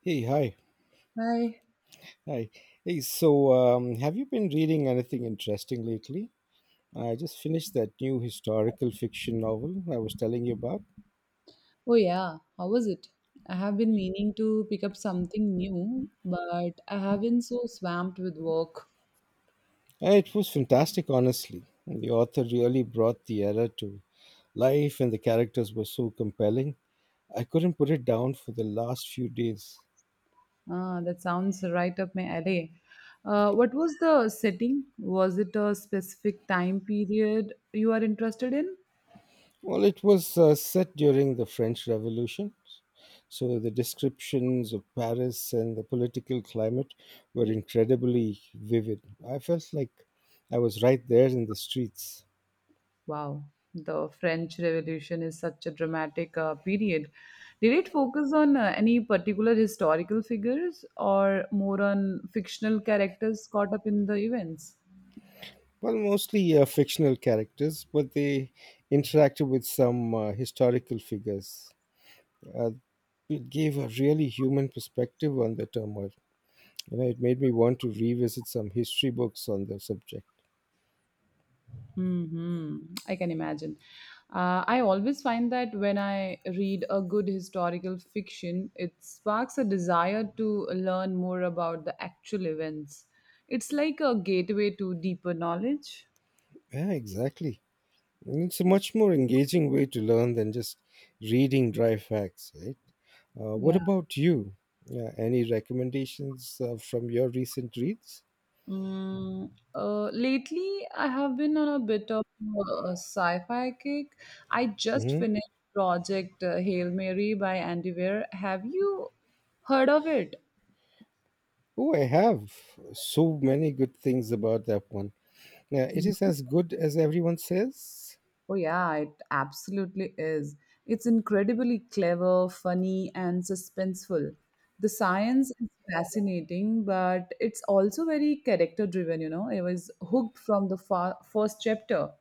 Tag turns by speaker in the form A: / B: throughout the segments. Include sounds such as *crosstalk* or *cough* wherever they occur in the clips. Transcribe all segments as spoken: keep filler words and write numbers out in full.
A: Hey, hi.
B: Hi.
A: Hi. Hey, so um, have you been reading anything interesting lately? I just finished that new historical fiction novel I was telling you about.
B: Oh, yeah. How was it? I have been meaning to pick up something new, but I have been so swamped with work.
A: Uh, It was fantastic, honestly. The author really brought the era to life, and the characters were so compelling. I couldn't put it down for the last few days.
B: Ah, that sounds right up my alley. Uh, what was the setting? Was it a specific time period you are interested in?
A: Well, it was uh, set during the French Revolution. So the descriptions of Paris and the political climate were incredibly vivid. I felt like I was right there in the streets.
B: Wow, the French Revolution is such a dramatic uh, period. Did it focus on uh, any particular historical figures or more on fictional characters caught up in the events?
A: Well, mostly uh, fictional characters, but they interacted with some uh, historical figures. Uh, it gave a really human perspective on the turmoil. You know, it made me want to revisit some history books on the subject.
B: Hmm, I can imagine. Uh, I always find that when I read a good historical fiction, it sparks a desire to learn more about the actual events. It's like a gateway to deeper knowledge.
A: Yeah, exactly. And it's a much more engaging way to learn than just reading dry facts, right? Uh, what
B: Yeah.
A: about you? Uh, any recommendations uh, from your recent reads?
B: Mm, uh, lately, I have been on a bit of a sci-fi kick. I just
A: Hmm.
B: finished Project uh, Hail Mary by Andy Weir. Have you heard of it?
A: Oh, I have so many good things about that one. Yeah, it is as good as everyone says.
B: Oh, yeah, it absolutely is. It's incredibly clever, funny, and suspenseful. The science is fascinating, but it's also very character driven, you know. I was hooked from the fa- first chapter.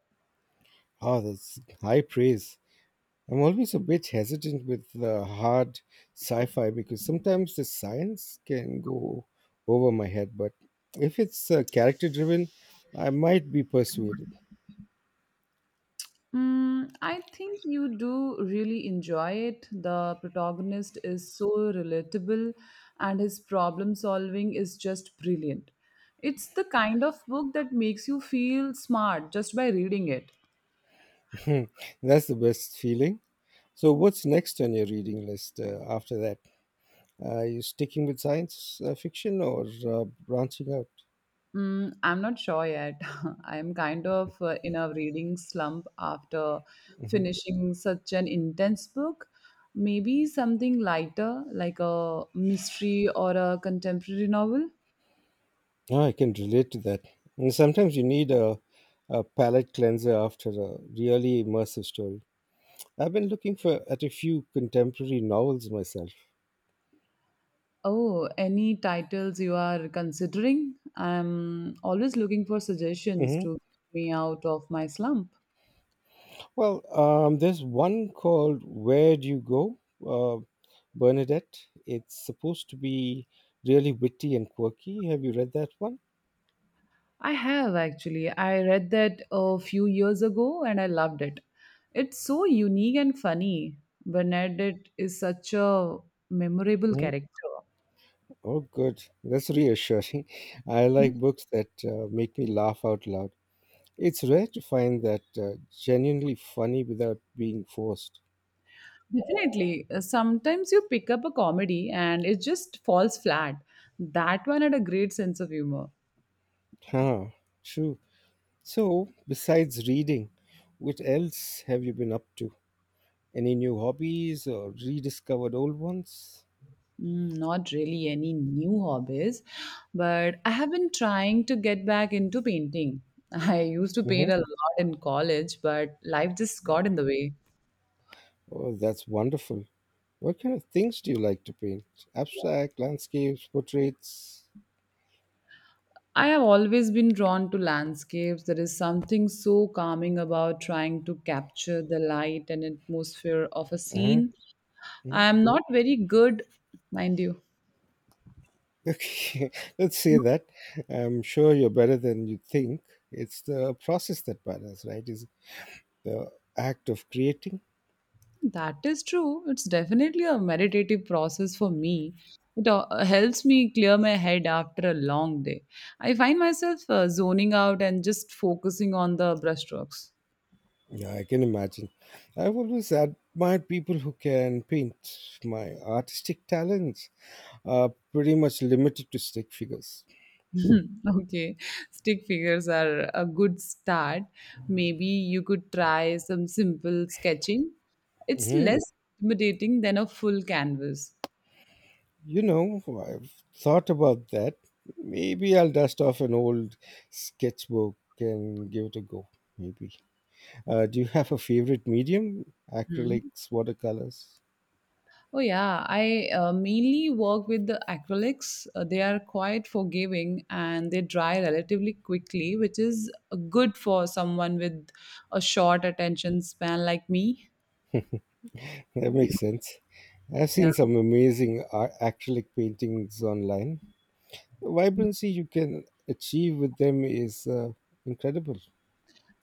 A: Oh, that's high praise. I'm always a bit hesitant with the hard sci fi because sometimes the science can go over my head, but if it's uh, character driven, I might be persuaded.
B: Mm, I think you do really enjoy it. The protagonist is so relatable, and his problem solving is just brilliant. It's the kind of book that makes you feel smart just by reading it.
A: *laughs* That's the best feeling. So, what's next on your reading list uh, after that? Are you sticking with science uh, fiction or uh, branching out?
B: Mm, I'm not sure yet. *laughs* I'm kind of uh, in a reading slump after
A: Hmm.
B: finishing such an intense book. Maybe something lighter, like a mystery or a contemporary novel.
A: Oh, I can relate to that. And sometimes you need a, a palate cleanser after a really immersive story. I've been looking for at a few contemporary novels myself.
B: Oh, any titles you are considering? I'm always looking for suggestions
A: Hmm.
B: to get me out of my slump.
A: Well, um, there's one called Where Do You Go, uh, Bernadette. It's supposed to be really witty and quirky. Have you read that one?
B: I have actually. I read that a few years ago and I loved it. It's so unique and funny. Bernadette is such a memorable
A: Hmm.
B: character.
A: Oh, good. That's reassuring. *laughs* I like books that uh, make me laugh out loud. It's rare to find that uh, genuinely funny without being forced.
B: Definitely. Uh, Sometimes you pick up a comedy and it just falls flat. That one had a great sense of humor.
A: Huh, true. So, besides reading, what else have you been up to? Any new hobbies or rediscovered old ones?
B: Mm, not really any new hobbies, but I have been trying to get back into painting. *laughs* I used to
A: Hmm.
B: paint a lot in college, but life just got in the way.
A: Oh, that's wonderful. What kind of things do you like to paint? Abstract, landscapes, portraits?
B: I have always been drawn to landscapes. There is something so calming about trying to capture the light and atmosphere of a
A: Uh-huh.
B: scene.
A: Mhm.
B: I am not very good, mind you.
A: Okay, *laughs* let's say that. I'm sure you're better than you think. It's the process that matters, right? Is the act of creating.
B: That is true. It's definitely a meditative process for me. It uh, helps me clear my head after a long day. I find myself uh, zoning out and just focusing on the brushstrokes.
A: Yeah, I can imagine. I've always admired people who can paint. My artistic talents are pretty much limited to stick figures.
B: *laughs* Okay, stick figures are a good start. Maybe you could try some simple sketching. It's
A: Mhm.
B: less intimidating than a full canvas.
A: You know, I've thought about that. Maybe I'll dust off an old sketchbook and give it a go. Maybe. Uh, do you have a favorite medium?
B: Hmm.
A: Acrylics, watercolors?
B: Oh, yeah. I uh, mainly work with the acrylics. Uh, they are quite forgiving and they dry relatively quickly, which is uh, good for someone with a short attention span like me.
A: That makes sense. I've seen
B: Yeah.
A: some amazing ar- acrylic paintings online. The vibrancy you can achieve with them is uh, incredible.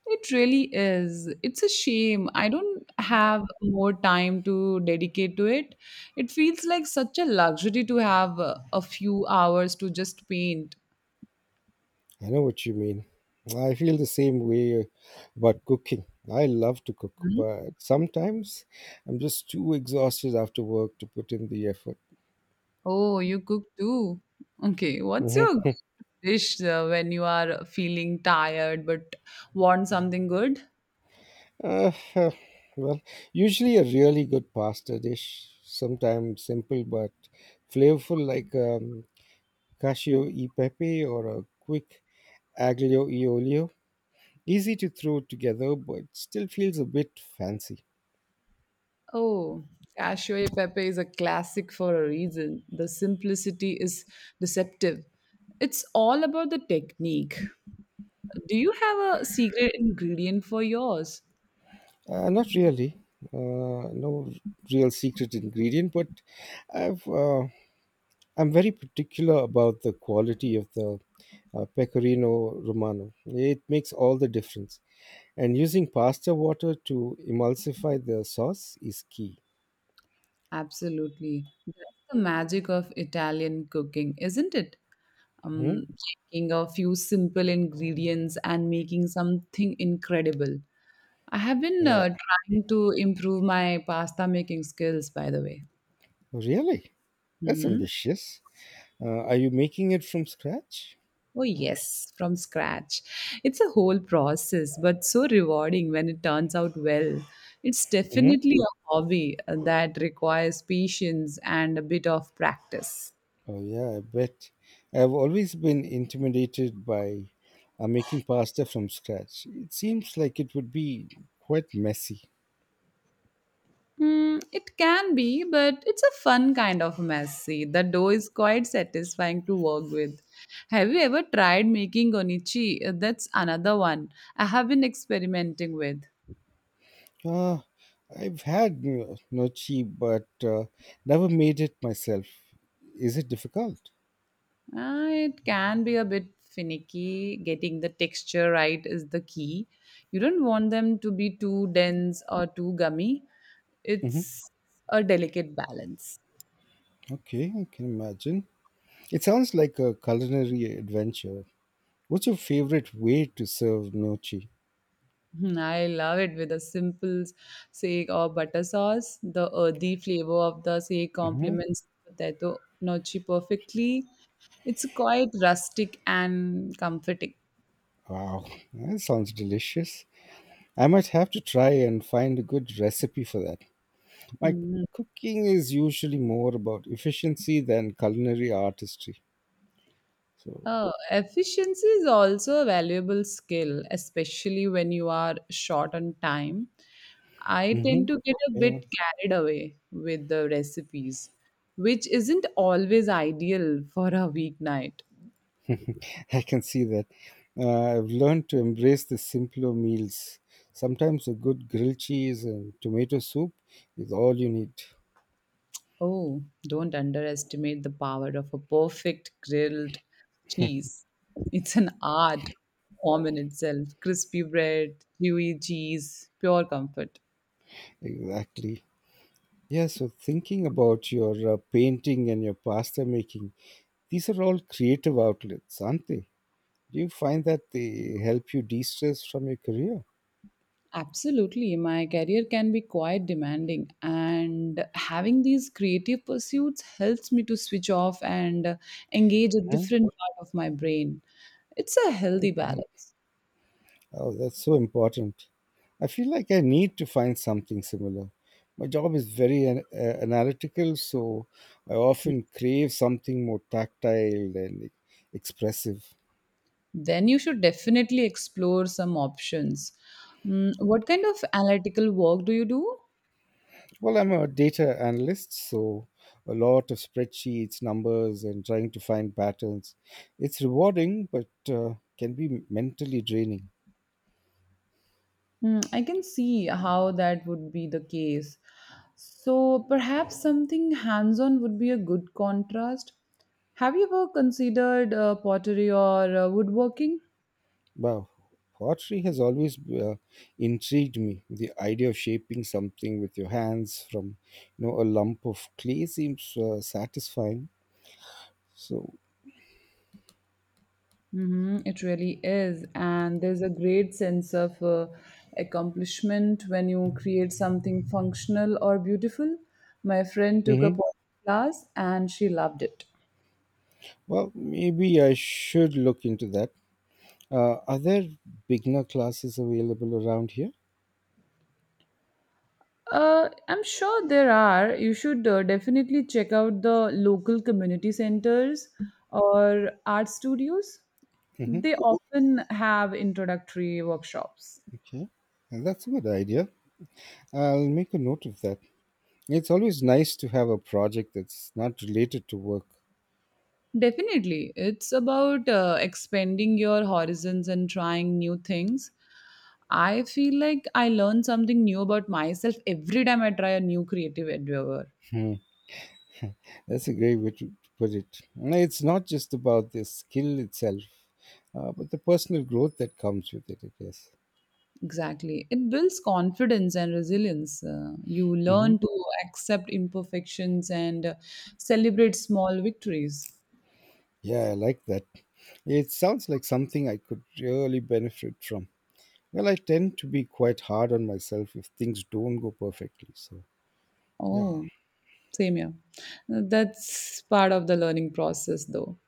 B: It really is. It's a shame. I don't have more time to dedicate to it. It feels like such a luxury to have uh, a few hours to just paint.
A: I know what you mean. I feel the same way about cooking. I love to cook,
B: Hmm?
A: but sometimes I'm just too exhausted after work to put in the effort.
B: Oh, you cook too. Okay, what's your
A: Hmm.
B: dish uh, when you are feeling tired but want something good?
A: Uh, uh, well, usually a really good pasta dish, sometimes simple but flavorful, like um, cascio e pepe or a quick aglio e olio. Easy to throw together, but still feels a bit fancy.
B: Oh, cashew pepe is a classic for a reason. The simplicity is deceptive. It's all about the technique. Do you have a secret ingredient for yours?
A: Uh, not really. Uh, no real secret ingredient, but I've uh, I'm very particular about the quality of the uh, pecorino romano. It makes all the difference. And using pasta water to emulsify the sauce is key.
B: Absolutely. That's the magic of Italian cooking, isn't it?
A: Hmm?
B: Um, taking a few simple ingredients and making something incredible. I have been
A: Uh,
B: uh, trying to improve my pasta making skills, by the way.
A: Really? That's
B: Mhm.
A: ambitious. Uh, are you making it from scratch?
B: Oh, yes, from scratch. It's a whole process, but so rewarding when it turns out well. It's
A: Hmm?
B: definitely a hobby uh, that requires patience and a bit of practice.
A: Oh yeah, I bet. I've always been intimidated by uh, making pasta from scratch. It seems like it would be quite messy.
B: Hmm, it can be, but it's a fun kind of messy. The dough is quite satisfying to work with. Have you ever tried making onichi? Uh, That's another one I have been experimenting with.
A: Ah, I've had no- noci, but uh, never made it myself. Is it difficult?
B: Uh, it can be a bit finicky. Getting the texture right is the key. You don't want them to be too dense or too gummy.
A: Hmm.
B: It's a delicate balance.
A: Okay, I can imagine. It sounds like a culinary adventure. What's your favorite way to serve noci?
B: Hmm, I love it with a simple sake or butter sauce. The earthy flavor of the sake
A: Hmm.
B: complements potato gnocchi perfectly. It's quite rustic and comforting.
A: Wow, that sounds delicious. I might have to try and find a good recipe for that. My
B: Hmm.
A: cooking is usually more about efficiency than culinary artistry. So,
B: Oh, efficiency is also a valuable skill, especially when you are short on time. I tend
A: mhm,
B: to get a
A: yeah,
B: bit carried away with the recipes, which isn't always ideal for a weeknight.
A: *laughs* I can see that. Uh, I've learned to embrace the simpler meals. Sometimes a good grilled cheese and tomato soup is all you need.
B: Oh, don't underestimate the power of a perfect grilled cheese. It's an art form in itself. Crispy bread, dewy cheese, pure comfort.
A: Exactly. Yeah, so thinking about your uh, painting and your pasta making, these are all creative outlets, aren't they? Do you find that they help you de stress from your career?
B: Absolutely. My career can be quite demanding, and having these creative pursuits helps me to switch off and uh, engage a
A: Huh?
B: different part of my brain. It's a healthy
A: Okay.
B: balance.
A: Oh, that's so important. I feel like I need to find something similar. My job is very an- uh, analytical, so I often crave something more tactile and expressive.
B: Then you should definitely explore some options. Mm, what kind of analytical work do you do?
A: Well, I'm a data analyst, so a lot of spreadsheets, numbers, and trying to find patterns. It's rewarding, but uh, can be mentally draining.
B: Hmm, I can see how that would be the case. So perhaps something hands on would be a good contrast. Have you ever considered uh, pottery or uh, woodworking?
A: Wow, pottery has always uh, intrigued me. The idea of shaping something with your hands from, you know, a lump of clay seems uh, satisfying. So,
B: Hmm, it really is. And there's a great sense of uh, accomplishment when you create something functional or beautiful. My friend took a
A: hmm,
B: pottery class and she loved it.
A: well, maybe I should look into that. Uh, are there beginner classes available around here?
B: Uh, I'm sure there are. You should uh, definitely check out the local community centers or art studios.
A: Hmm.
B: They often have introductory workshops.
A: Okay, and that's a good idea. I'll make a note of that. It's always nice to have a project that's not related to work.
B: Definitely. It's about uh, expanding your horizons and trying new things. I feel like I learn something new about myself every time I try a new creative endeavor.
A: That's a great way to to put it. No, it's not just about the skill itself, uh, but the personal growth that comes with it, I guess.
B: Exactly. It builds confidence and resilience. Uh, you
A: Hmm.
B: learn to accept imperfections and uh, celebrate small victories.
A: Yeah, I like that. It sounds like something I could really benefit from. Well, I tend to be quite hard on myself if things don't go perfectly. So, yeah,
B: Oh, same here. Uh, That's part of the learning process, though.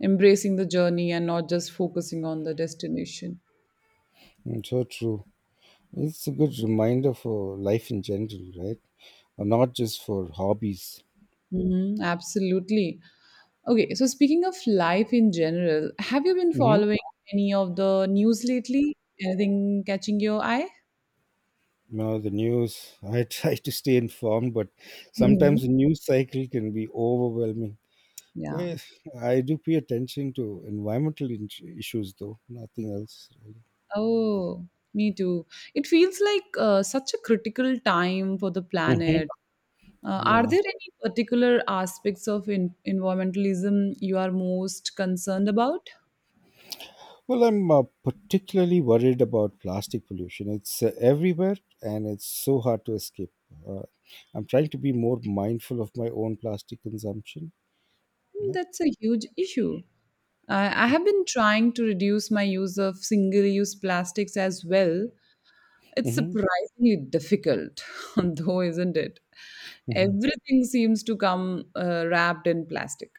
B: Embracing the journey and not just focusing on the destination.
A: mm, so true. It's a good reminder for life in general, right? Uh, Not just for hobbies.
B: Mm-hmm, absolutely. Okay, so speaking of life in general, have you been
A: Mhm.
B: following any of the news lately? Anything catching your eye?
A: No, the news. I *laughs* try to stay informed, but
B: Hmm,
A: sometimes the news cycle can be overwhelming. Well,
B: yeah.
A: I do pay attention to environmental in- issues, though nothing else.
B: Oh, me too. It feels like uh, such a critical time for the
A: Hmm.
B: planet. Uh, are
A: Yeah.
B: there any particular aspects of in- environmentalism you are most concerned about?
A: Well, I'm uh, particularly worried about plastic pollution. It's uh, everywhere, and it's so hard to escape. Uh, I'm trying to be more mindful of my own plastic consumption.
B: Hmm,
A: Yeah.
B: that's a huge issue. I I have been trying to reduce my use of single use plastics as well. It's
A: Hmm.
B: surprisingly difficult, *laughs* though, isn't it? Everything seems to come uh, wrapped in plastic.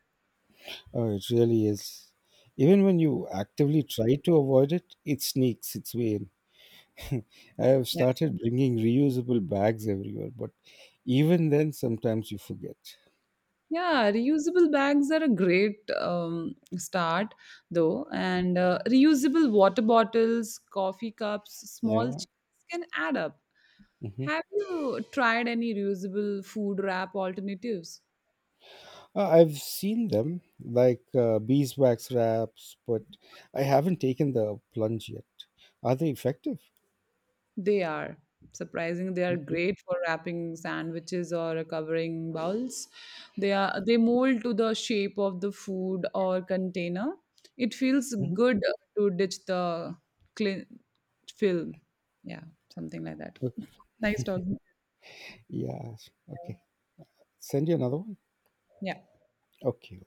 A: Oh, it really is. Even when you actively try to avoid it, it sneaks its way in. I have started bringing reusable bags everywhere, but even then, sometimes you forget.
B: Yeah, reusable bags are a great um, start, though. And uh, reusable water bottles, coffee cups, small
A: Yeah.
B: chips can add up.
A: Hmm.
B: Have you tried any reusable food wrap alternatives?
A: Uh, I've seen them like uh, beeswax wraps, but I haven't taken the plunge yet. Are they effective?
B: They are surprising. They are
A: Okay.
B: great for wrapping sandwiches or covering bowls. They are they mold to the shape of the food or container. It feels
A: Hmm.
B: good to ditch the clean fill. Yeah, something like that.
A: Okay.
B: Nice talking. To
A: Yeah.
B: you.
A: Okay. Send you another one.
B: Yeah.
A: Okay.